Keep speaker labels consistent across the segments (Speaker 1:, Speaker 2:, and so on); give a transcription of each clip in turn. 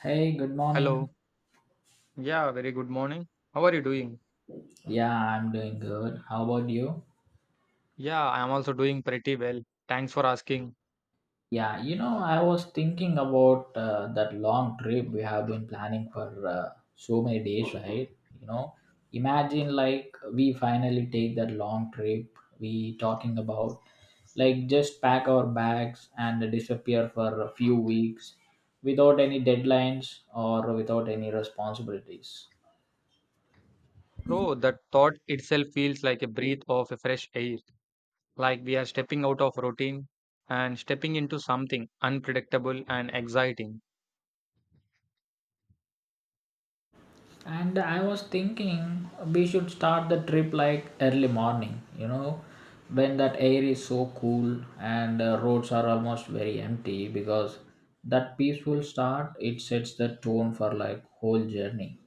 Speaker 1: Hey, good morning.
Speaker 2: Hello. Yeah, very good morning. How are you doing?
Speaker 1: Yeah, I'm doing good. How about you?
Speaker 2: Yeah, I am also doing pretty well. Thanks for asking.
Speaker 1: Yeah, I was thinking about that long trip we have been planning for so many days, right? You know, imagine like we finally take that long trip we talking about, like just pack our bags and disappear for a few weeks without any deadlines or without any responsibilities.
Speaker 2: Bro, that thought itself feels like a breath of a fresh air, like we are stepping out of routine and stepping into something unpredictable and exciting.
Speaker 1: And I was thinking we should start the trip like early morning, when that air is so cool and roads are almost very empty because that peaceful start it sets the tone for like whole journey.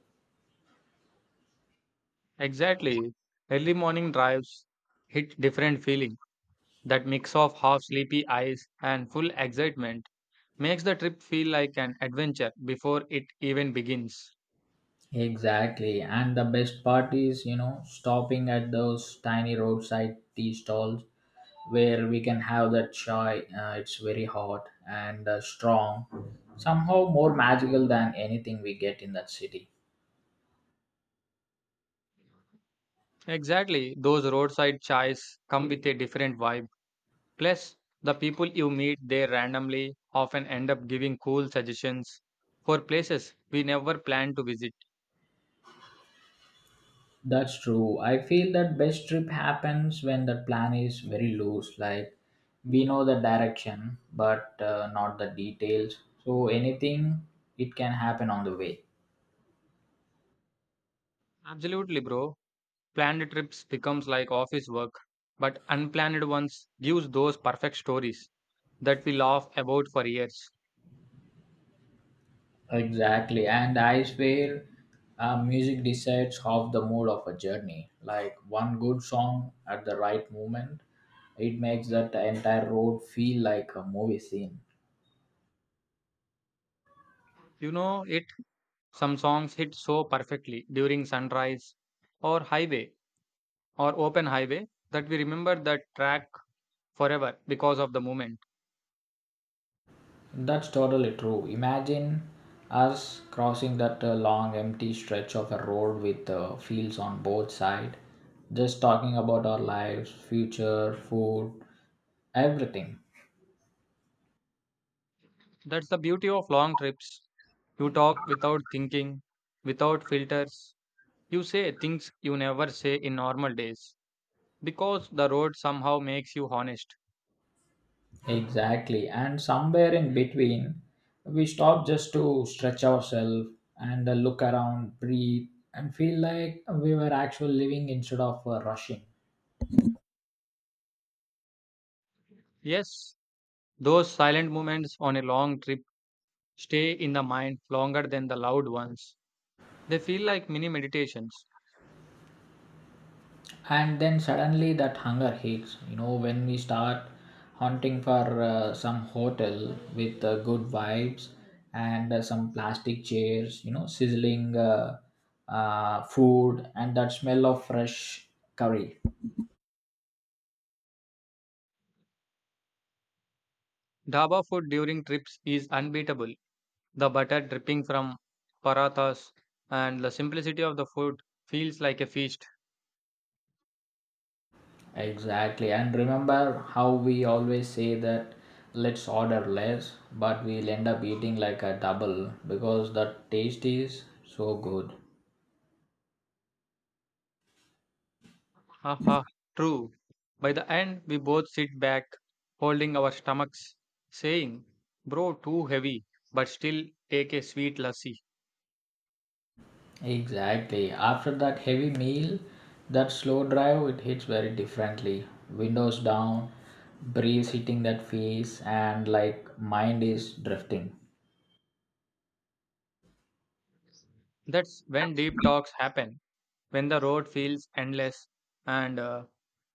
Speaker 2: Exactly. Early morning drives hit different feeling. That mix of half sleepy eyes and full excitement makes the trip feel like an adventure before it even begins.
Speaker 1: Exactly. And the best part is, stopping at those tiny roadside tea stalls where we can have that chai. It's very hot and strong, somehow more magical than anything we get in that city.
Speaker 2: Exactly. Those roadside chais come with a different vibe. Plus, the people you meet there randomly often end up giving cool suggestions for places we never planned to visit.
Speaker 1: That's true. I feel that best trip happens when the plan is very loose. Like we know the direction, but not the details. So anything it can happen on the way.
Speaker 2: Absolutely, bro. Planned trips becomes like office work, but unplanned ones gives those perfect stories that we laugh about for years.
Speaker 1: Exactly, and I swear, music decides half the mood of a journey. Like one good song at the right moment, it makes that entire road feel like a movie scene.
Speaker 2: You know it, some songs hit so perfectly during sunrise or highway or open highway that we remember that track forever because of the moment.
Speaker 1: That's totally true. Imagine us crossing that long empty stretch of a road with fields on both sides, just talking about our lives, future, food, everything.
Speaker 2: That's the beauty of long trips. You talk without thinking, without filters. You say things you never say in normal days because the road somehow makes you honest.
Speaker 1: Exactly. And somewhere in between, we stop just to stretch ourselves and look around, breathe, and feel like we were actually living instead of rushing.
Speaker 2: Yes, those silent moments on a long trip stay in the mind longer than the loud ones. They feel like mini meditations.
Speaker 1: And then suddenly that hunger hits when we start hunting for some hotel with good vibes and some plastic chairs sizzling food and that smell of fresh curry.
Speaker 2: Dhaba food during trips is unbeatable. The butter dripping from parathas and the simplicity of the food feels like a feast.
Speaker 1: Exactly, and remember how we always say that let's order less but we'll end up eating like a double because the taste is so good.
Speaker 2: Haha, true. By the end, we both sit back, holding our stomachs, saying, Bro, too heavy, but still take a sweet lassi.
Speaker 1: Exactly. After that heavy meal, that slow drive, it hits very differently. Windows down, breeze hitting that face, and like mind is drifting.
Speaker 2: That's when deep talks happen, when the road feels endless and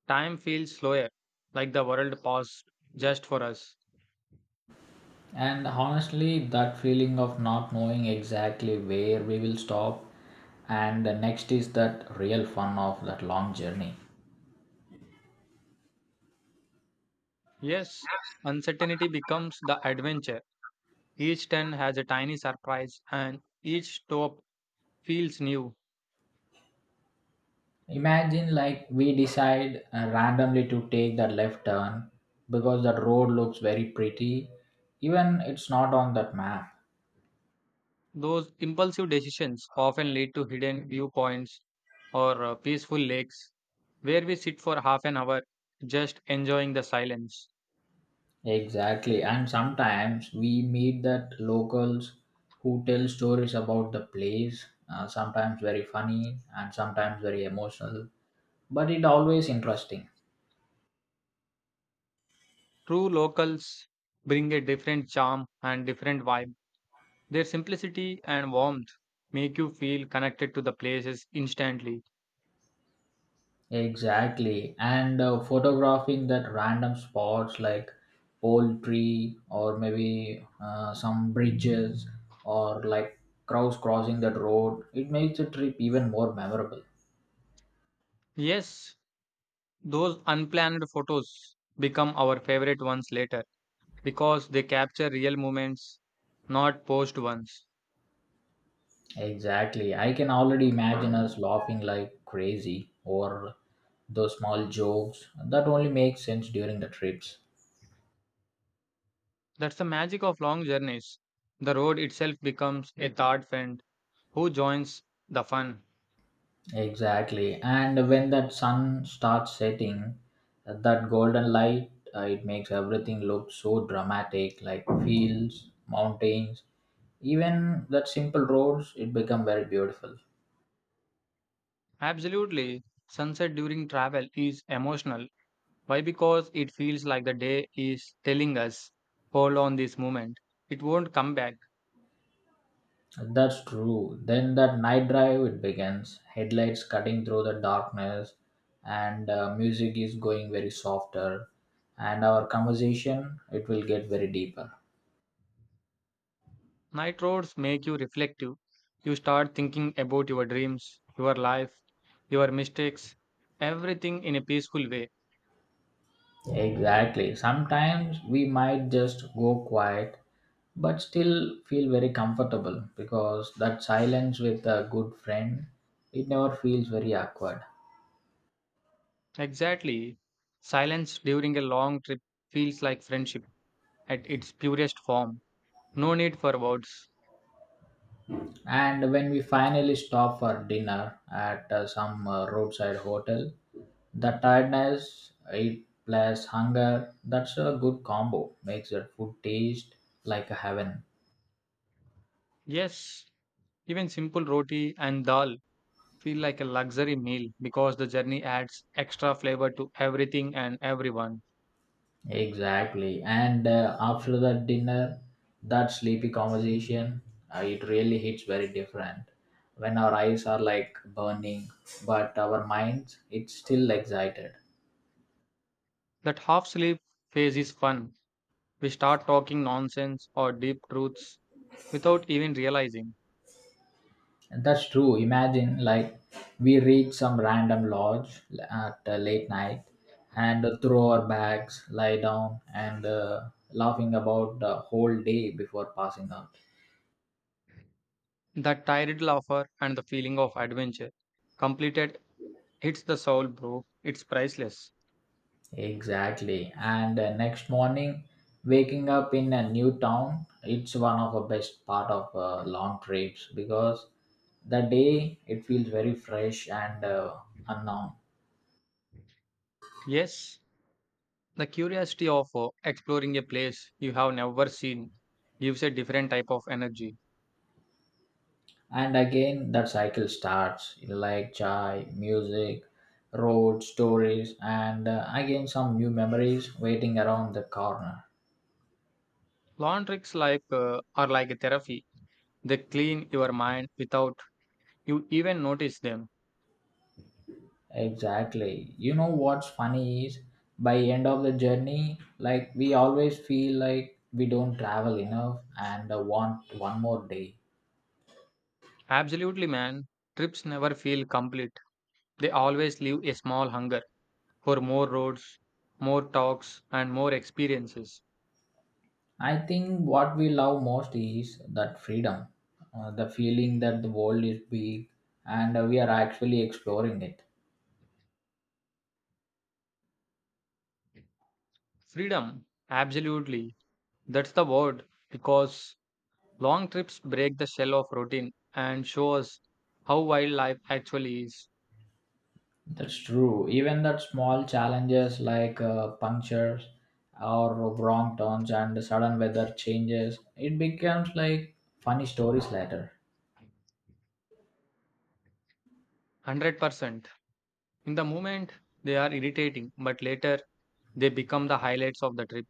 Speaker 2: time feels slower, like the world paused just for us.
Speaker 1: And honestly, that feeling of not knowing exactly where we will stop, and the next is that real fun of that long journey.
Speaker 2: Yes, uncertainty becomes the adventure. Each turn has a tiny surprise, and each stop feels new.
Speaker 1: Imagine like we decide randomly to take that left turn because that road looks very pretty, even it's not on that map.
Speaker 2: Those impulsive decisions often lead to hidden viewpoints or peaceful lakes where we sit for 30 minutes just enjoying the silence.
Speaker 1: Exactly, and sometimes we meet that locals who tell stories about the place, sometimes very funny and sometimes very emotional, but it always interesting.
Speaker 2: True locals bring a different charm and different vibe. Their simplicity and warmth make you feel connected to the places instantly.
Speaker 1: Exactly, and photographing that random spots like old tree or maybe some bridges or like crows crossing that road, it makes the trip even more memorable.
Speaker 2: Yes, those unplanned photos become our favorite ones later because they capture real moments, not posed ones.
Speaker 1: Exactly. I can already imagine us laughing like crazy or those small jokes that only make sense during the trips.
Speaker 2: That's the magic of long journeys. The road itself becomes a third friend who joins the fun.
Speaker 1: Exactly. And when that sun starts setting, that golden light, it makes everything look so dramatic like fields, mountains, even that simple roads, it become very beautiful.
Speaker 2: Absolutely. Sunset during travel is emotional. Why? Because it feels like the day is telling us, hold on this moment. It won't come back.
Speaker 1: That's true. Then that night drive it begins. Headlights cutting through the darkness, and music is going very softer, and our conversation it will get very deeper.
Speaker 2: Night roads make you reflective. You start thinking about your dreams, your life, your mistakes, everything in a peaceful way.
Speaker 1: Exactly. Sometimes we might just go quiet, but still feel very comfortable because that silence with a good friend it never feels very awkward.
Speaker 2: Exactly. Silence during a long trip feels like friendship at its purest form. No need for words.
Speaker 1: And when we finally stop for dinner at some roadside hotel, the tiredness, it plus hunger, that's a good combo. Makes the food taste like a heaven.
Speaker 2: Yes, even simple roti and dal feel like a luxury meal because the journey adds extra flavor to everything and everyone.
Speaker 1: Exactly. And after the dinner, that sleepy conversation, it really hits very different. When our eyes are like burning, but our minds, it's still excited.
Speaker 2: That half sleep phase is fun. We start talking nonsense or deep truths without even realizing.
Speaker 1: That's true. Imagine, like, we reach some random lodge at late night and throw our bags, lie down, and laughing about the whole day before passing out.
Speaker 2: That tired laughter and the feeling of adventure completed hits the soul, bro. It's priceless.
Speaker 1: Exactly. And next morning, waking up in a new town, it's one of the best part of long trips because the day it feels very fresh and unknown.
Speaker 2: Yes, the curiosity of exploring a place you have never seen gives a different type of energy.
Speaker 1: And again that cycle starts like chai music road stories and again some new memories waiting around the corner.
Speaker 2: Lawn tricks like are like a therapy. They clean your mind without you even notice them.
Speaker 1: Exactly. You know what's funny is by end of the journey like we always feel like we don't travel enough and want one more day.
Speaker 2: Absolutely, man. Trips never feel complete. They always leave a small hunger for more roads, more talks, and more experiences.
Speaker 1: I think what we love most is that freedom, the feeling that the world is big and we are actually exploring it.
Speaker 2: Freedom. Absolutely. That's the word because long trips break the shell of routine and show us how wild life actually is.
Speaker 1: That's true. Even that small challenges like punctures or wrong turns and sudden weather changes, it becomes like funny stories later.
Speaker 2: 100%. In the moment, they are irritating, but later they become the highlights of the trip.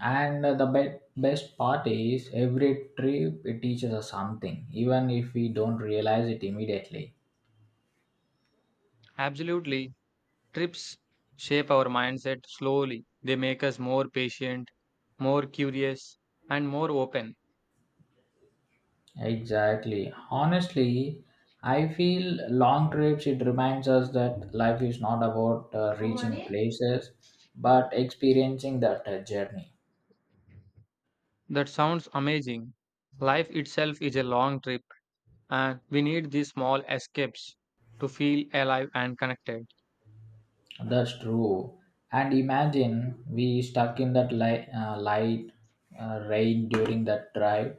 Speaker 1: And the best part is every trip it teaches us something, even if we don't realize it immediately.
Speaker 2: Absolutely. Trips shape our mindset slowly. They make us more patient, more curious, and more open.
Speaker 1: Exactly. Honestly, I feel long trips it reminds us that life is not about reaching places, but experiencing that journey.
Speaker 2: That sounds amazing. Life itself is a long trip, and we need these small escapes to feel alive and connected.
Speaker 1: That's true. And imagine we stuck in that light rain during that drive.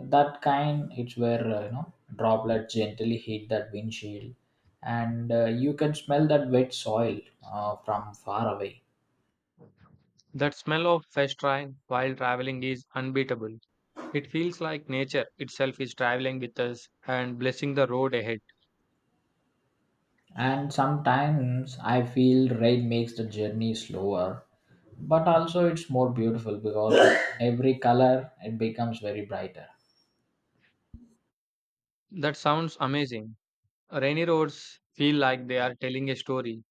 Speaker 1: That kind, it's where droplets gently hit that windshield, and you can smell that wet soil from far away.
Speaker 2: That smell of fresh rain while traveling is unbeatable. It feels like nature itself is traveling with us and blessing the road ahead.
Speaker 1: And sometimes I feel rain makes the journey slower, but also it's more beautiful because every color it becomes very brighter.
Speaker 2: That sounds amazing. Rainy roads feel like they are telling a story.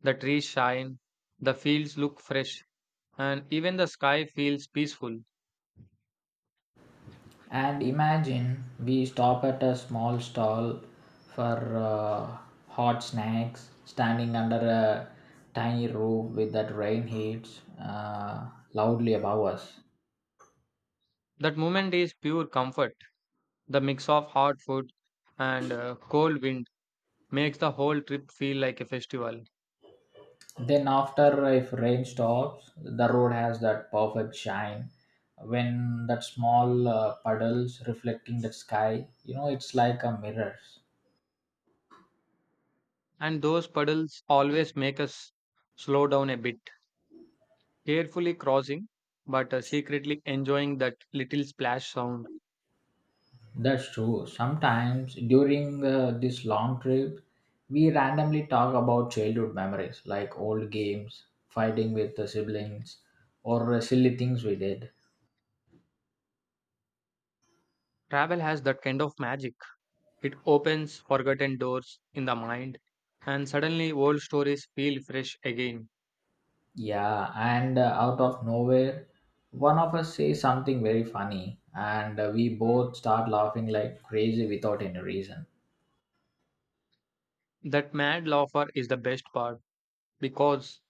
Speaker 2: The trees shine, the fields look fresh, and even the sky feels peaceful.
Speaker 1: And imagine we stop at a small stall for hot snacks, standing under a tiny roof with that rain hits loudly above us.
Speaker 2: That moment is pure comfort. The mix of hot food and cold wind makes the whole trip feel like a festival.
Speaker 1: Then, after if rain stops, the road has that perfect shine. When that small puddles reflecting the sky, it's like a mirror.
Speaker 2: And those puddles always make us slow down a bit, carefully crossing, but secretly enjoying that little splash sound.
Speaker 1: That's true. Sometimes during this long trip, we randomly talk about childhood memories like old games, fighting with the siblings, or silly things we did.
Speaker 2: Travel has that kind of magic. It opens forgotten doors in the mind, and suddenly old stories feel fresh again.
Speaker 1: Yeah, and out of nowhere, one of us says something very funny, and we both start laughing like crazy without any reason.
Speaker 2: That mad laughter is the best part because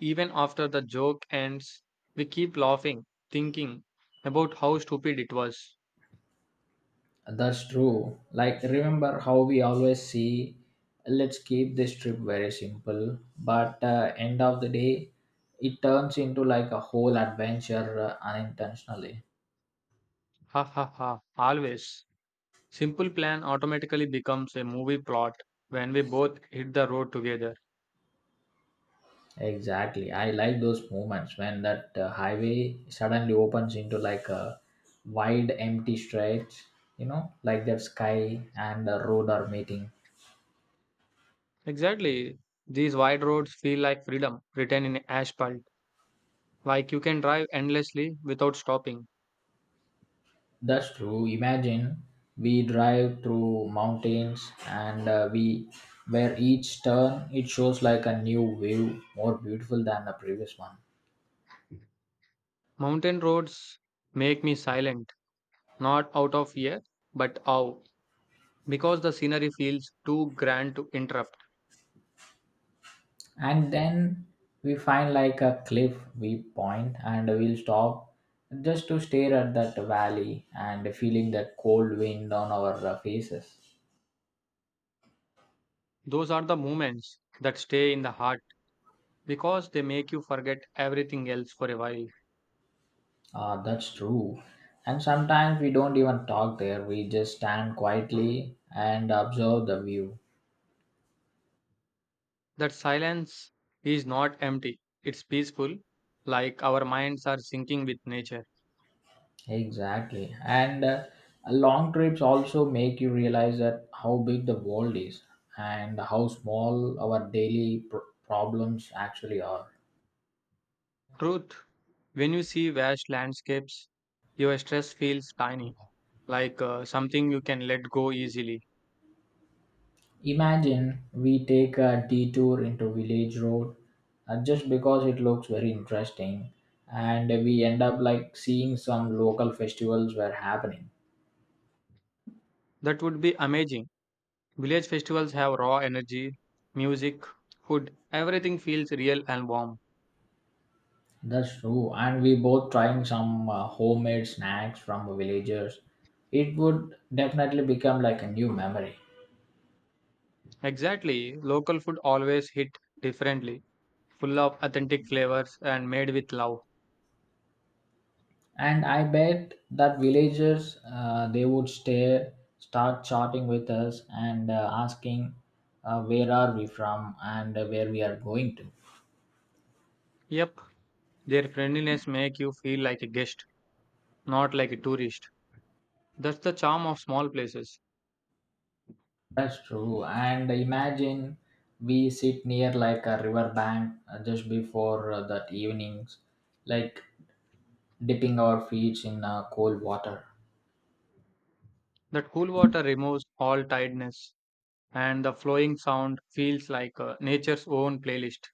Speaker 2: even after the joke ends, we keep laughing, thinking about how stupid it was.
Speaker 1: That's true. Like, remember how we always see, let's keep this trip very simple, but end of the day, it turns into like a whole adventure unintentionally.
Speaker 2: Ha ha ha, always. Simple plan automatically becomes a movie plot when we both hit the road together.
Speaker 1: Exactly. I like those moments when that highway suddenly opens into like a wide empty stretch, like that sky and the road are meeting.
Speaker 2: Exactly. These wide roads feel like freedom written in asphalt, like you can drive endlessly without stopping.
Speaker 1: That's true. Imagine we drive through mountains and we where each turn it shows like a new view more beautiful than the previous one.
Speaker 2: Mountain roads make me silent, not out of fear, but awe, because the scenery feels too grand to interrupt.
Speaker 1: And then we find like a cliff we point and we'll stop just to stare at that valley and feeling that cold wind on our faces.
Speaker 2: Those are the moments that stay in the heart because they make you forget everything else for a while.
Speaker 1: Ah, that's true. And sometimes we don't even talk there. We just stand quietly and observe the view.
Speaker 2: That silence is not empty, it's peaceful, like our minds are syncing with nature.
Speaker 1: Exactly. And long trips also make you realize that how big the world is and how small our daily problems actually are.
Speaker 2: Truth, when you see vast landscapes, your stress feels tiny, like something you can let go easily.
Speaker 1: Imagine we take a detour into village road just because it looks very interesting and we end up like seeing some local festivals were happening.
Speaker 2: That would be amazing. Village festivals have raw energy, music, food, everything feels real and warm.
Speaker 1: That's true. And we both trying some homemade snacks from villagers. It would definitely become like a new memory.
Speaker 2: Exactly, local food always hit differently, full of authentic flavors and made with love.
Speaker 1: And I bet that villagers they would stare, start chatting with us and asking where are we from and where we are going to.
Speaker 2: Yep, their friendliness make you feel like a guest, not like a tourist. That's the charm of small places.
Speaker 1: That's true. And imagine we sit near like a river bank just before that evenings, like dipping our feet in cold water.
Speaker 2: That cool water removes all tiredness, and the flowing sound feels like nature's own playlist.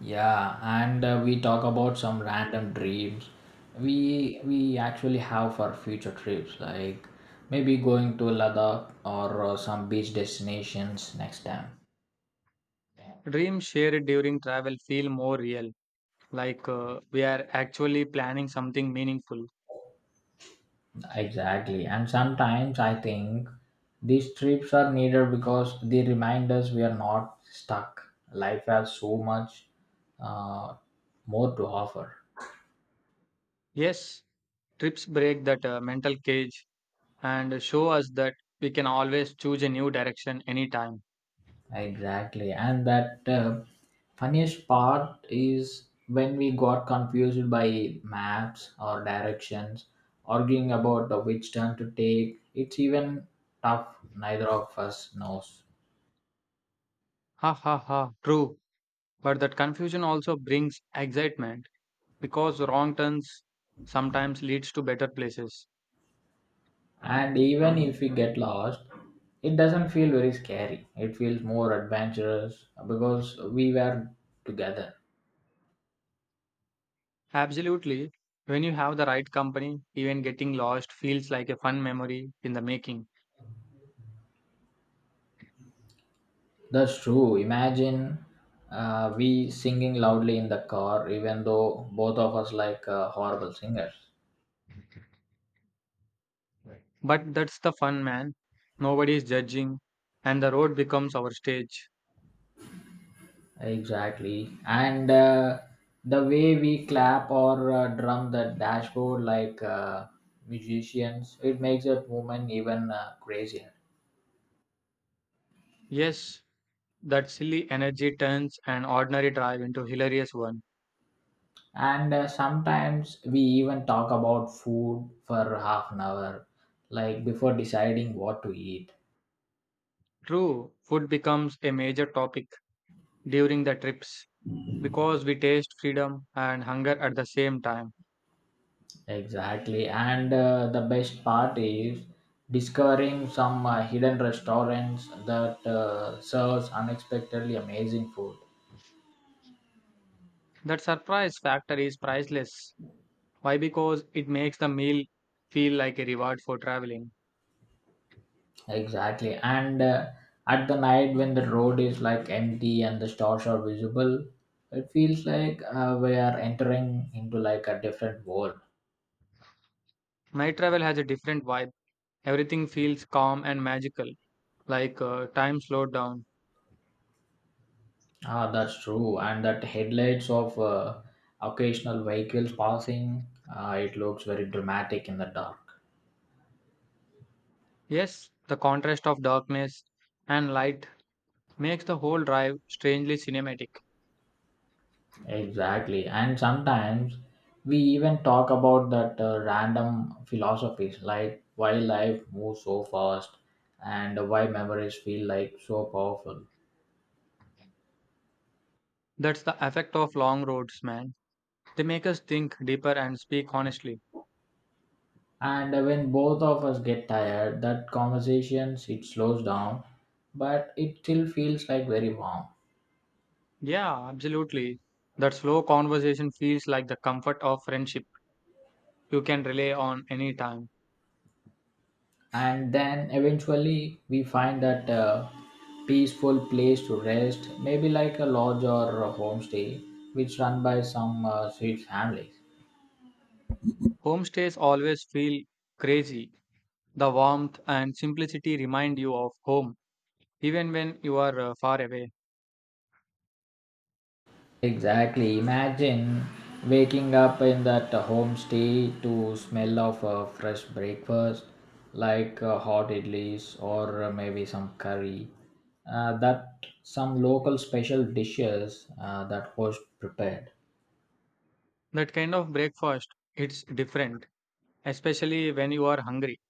Speaker 1: Yeah, and we talk about some random dreams we actually have for future trips, like maybe going to Ladakh or some beach destinations next time.
Speaker 2: Dreams shared during travel feel more real, like we are actually planning something meaningful.
Speaker 1: Exactly, and sometimes I think these trips are needed because they remind us we are not stuck. Life has so much uh, more to offer.
Speaker 2: Yes, trips break that mental cage and show us that we can always choose a new direction anytime.
Speaker 1: Exactly. And that funniest part is when we got confused by maps or directions, arguing about the which turn to take. It's even tough, neither of us knows.
Speaker 2: Ha ha ha, true. But that confusion also brings excitement because wrong turns sometimes leads to better places.
Speaker 1: And even if we get lost, it doesn't feel very scary. It feels more adventurous because we were together.
Speaker 2: Absolutely. When you have the right company, even getting lost feels like a fun memory in the making.
Speaker 1: That's true. Imagine we singing loudly in the car, even though both of us like horrible singers.
Speaker 2: But that's the fun, man. Nobody is judging, and the road becomes our stage.
Speaker 1: Exactly. And the way we clap or drum the dashboard like musicians, it makes that movement even crazier.
Speaker 2: Yes, that silly energy turns an ordinary drive into hilarious one.
Speaker 1: And sometimes we even talk about food for half an hour, like before deciding what to eat.
Speaker 2: True, food becomes a major topic during the trips because we taste freedom and hunger at the same time.
Speaker 1: Exactly. And the best part is discovering some hidden restaurants that serves unexpectedly amazing food.
Speaker 2: That surprise factor is priceless. Why? Because it makes the meal feel like a reward for traveling.
Speaker 1: Exactly. And at the night when the road is like empty and the stars are visible, it feels like we are entering into like a different world.
Speaker 2: Night travel has a different vibe. Everything feels calm and magical, like time slowed down.
Speaker 1: Ah, that's true. And that headlights of occasional vehicles passing, it looks very dramatic in the dark.
Speaker 2: Yes, the contrast of darkness and light makes the whole drive strangely cinematic.
Speaker 1: Exactly. And sometimes we even talk about that random philosophies like why life moves so fast and why memories feel like so powerful.
Speaker 2: That's the effect of long roads, man. They make us think deeper and speak honestly.
Speaker 1: And when both of us get tired, that conversations it slows down, but it still feels like very warm.
Speaker 2: Yeah, absolutely. That slow conversation feels like the comfort of friendship you can rely on anytime.
Speaker 1: And then eventually we find that peaceful place to rest, maybe like a lodge or a homestay, which run by some sweet families.
Speaker 2: Homestays always feel crazy. The warmth and simplicity remind you of home, even when you are far away.
Speaker 1: Exactly. Imagine waking up in that homestay to smell of a fresh breakfast, like hot idlis or maybe some curry. That some local special dishes that was prepared.
Speaker 2: That kind of breakfast, it's different, especially when you are hungry.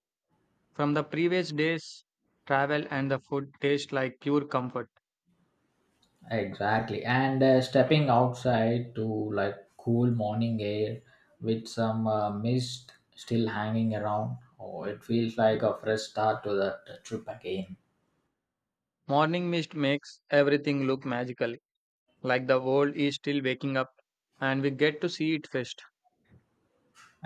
Speaker 2: From the previous days, travel and the food tastes like pure comfort.
Speaker 1: Exactly. And stepping outside to like cool morning air with some mist still hanging around. Oh, it feels like a fresh start to that trip again.
Speaker 2: Morning mist makes everything look magical, like the world is still waking up and we get to see it first.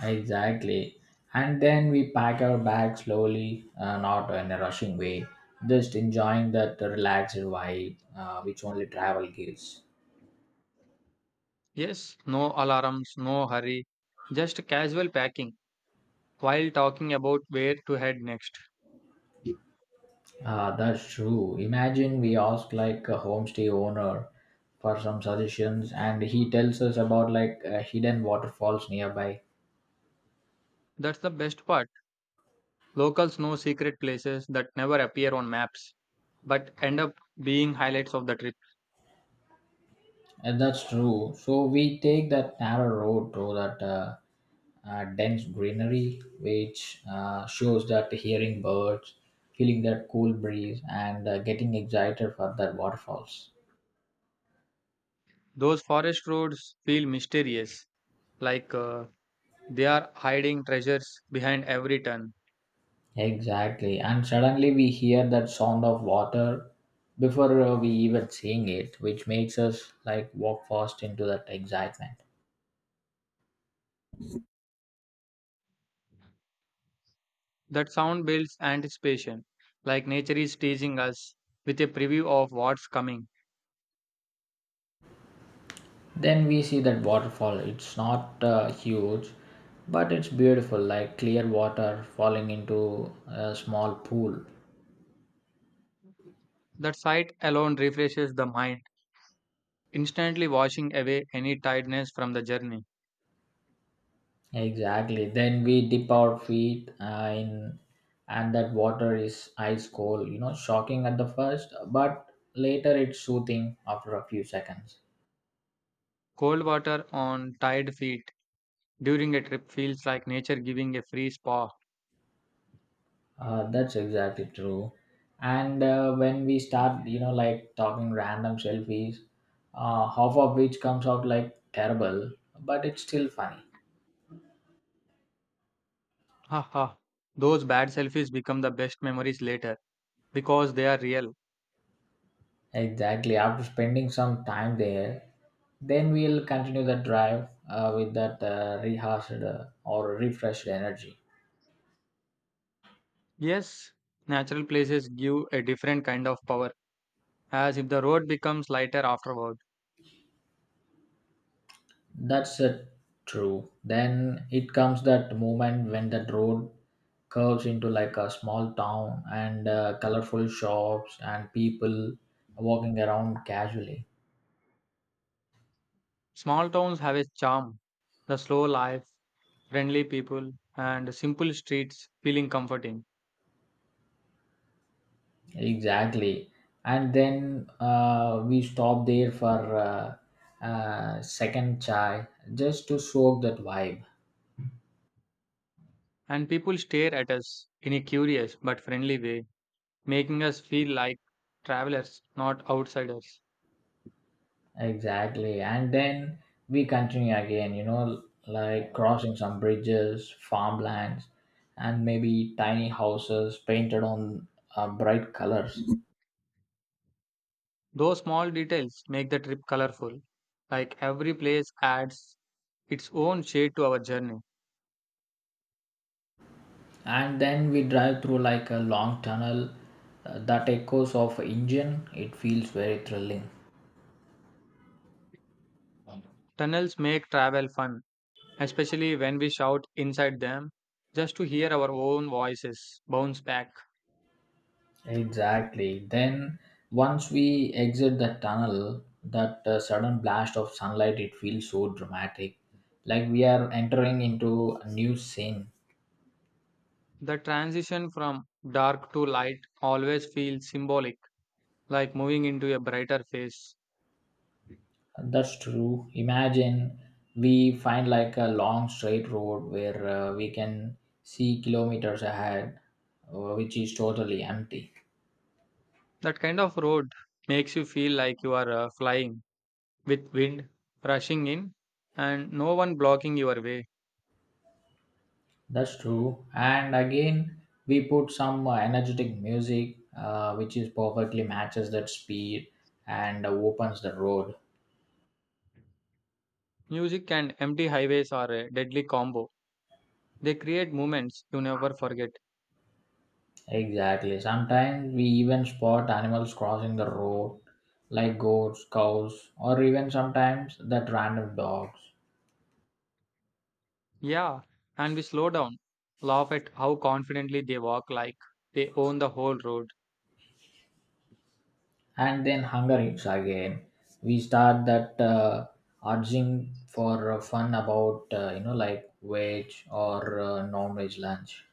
Speaker 1: Exactly. And then we pack our bags slowly, not in a rushing way, just enjoying that relaxed vibe which only travel gives.
Speaker 2: Yes, no alarms, no hurry, just casual packing while talking about where to head next.
Speaker 1: That's true. Imagine we ask like a homestay owner for some suggestions and he tells us about like hidden waterfalls nearby.
Speaker 2: That's the best part. Locals know secret places that never appear on maps but end up being highlights of the trip.
Speaker 1: And that's true. So we take that narrow road through that dense greenery, which shows that hearing birds, feeling that cool breeze, and getting excited for that waterfalls.
Speaker 2: Those forest roads feel mysterious, like they are hiding treasures behind every turn.
Speaker 1: Exactly, and suddenly we hear that sound of water before we even seeing it, which makes us like walk fast into that excitement.
Speaker 2: That sound builds anticipation, like nature is teasing us with a preview of what's coming.
Speaker 1: Then we see that waterfall. It's not huge, but it's beautiful, like clear water falling into a small pool.
Speaker 2: That sight alone refreshes the mind, instantly washing away any tiredness from the journey.
Speaker 1: Exactly. Then we dip our feet in, and that water is ice cold. You know, shocking at the first, but later it's soothing after a few seconds.
Speaker 2: Cold water on tired feet during a trip feels like nature giving a free spa.
Speaker 1: That's exactly true. And when we start, you know, like talking random selfies, half of which comes out like terrible, but it's still funny.
Speaker 2: Haha. Those bad selfies become the best memories later because they are real.
Speaker 1: Exactly. After spending some time there, then we'll continue the drive with that rehearsed or refreshed energy.
Speaker 2: Yes, natural places give a different kind of power, as if the road becomes lighter afterward.
Speaker 1: That's a true. Then it comes that moment when that road curves into like a small town and colorful shops and people walking around casually.
Speaker 2: Small towns have a charm, the slow life, friendly people, and simple streets feeling comforting.
Speaker 1: Exactly. And then we stop there for second chai just to soak that vibe.
Speaker 2: And people stare at us in a curious but friendly way, making us feel like travelers, not outsiders.
Speaker 1: Exactly. And then we continue again, you know, like crossing some bridges, farmlands, and maybe tiny houses painted on bright colors.
Speaker 2: Those small details make the trip colorful, like every place adds its own shade to our journey.
Speaker 1: And then we drive through like a long tunnel that echoes of engine. It feels very thrilling.
Speaker 2: Tunnels make travel fun, especially when we shout inside them just to hear our own voices bounce back.
Speaker 1: Exactly. Then once we exit the tunnel, that sudden blast of sunlight, it feels so dramatic. Like we are entering into a new scene.
Speaker 2: The transition from dark to light always feels symbolic, like moving into a brighter phase.
Speaker 1: That's true. Imagine we find like a long straight road where we can see kilometers ahead, which is totally empty.
Speaker 2: That kind of road makes you feel like you are flying with wind rushing in and no one blocking your way.
Speaker 1: That's true. And again, we put some energetic music, which is perfectly matches that speed and opens the road.
Speaker 2: Music and empty highways are a deadly combo. They create moments you never forget.
Speaker 1: Exactly. Sometimes we even spot animals crossing the road, like goats, cows, or even sometimes that random dogs.
Speaker 2: Yeah, and we slow down, laugh at how confidently they walk like they own the whole road.
Speaker 1: And then hunger hits again, we start that urging for fun about you know, like veg or non-veg lunch.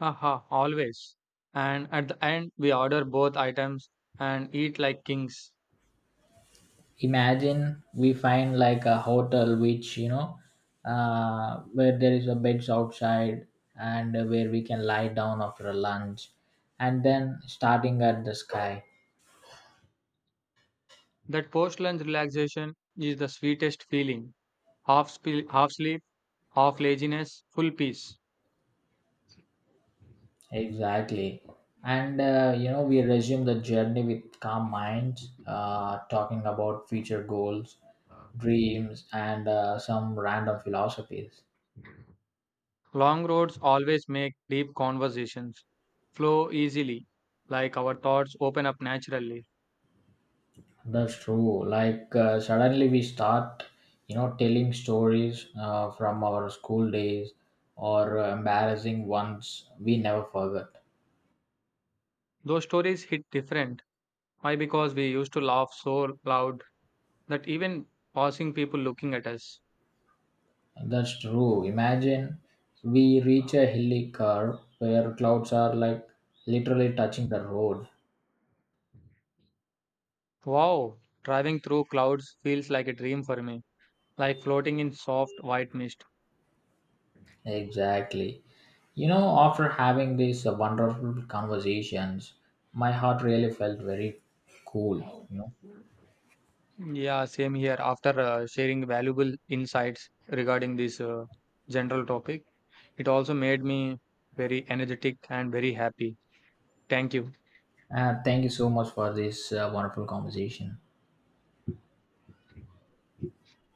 Speaker 2: Haha, always. And at the end, we order both items and eat like kings.
Speaker 1: Imagine we find like a hotel which, you know, where there is a beds outside and where we can lie down after lunch and then starting at the sky.
Speaker 2: That post lunch relaxation is the sweetest feeling. Half sleep, half laziness, full peace.
Speaker 1: Exactly. And you know, we resume the journey with calm minds, talking about future goals, dreams, and some random philosophies.
Speaker 2: Long roads always make deep conversations flow easily, like our thoughts open up naturally.
Speaker 1: That's true. Like suddenly we start, you know, telling stories from our school days or embarrassing ones we never forgot.
Speaker 2: Those stories hit different. Why? Because we used to laugh so loud that even passing people looking at us.
Speaker 1: That's true. Imagine we reach a hilly curve where clouds are like literally touching the road.
Speaker 2: Wow, driving through clouds feels like a dream for me, like floating in soft white mist.
Speaker 1: Exactly. You know, after having these wonderful conversations, my heart really felt very cool. You know,
Speaker 2: Yeah, same here. After sharing valuable insights regarding this general topic, it also made me very energetic and very happy. Thank you.
Speaker 1: thank you so much for this wonderful conversation.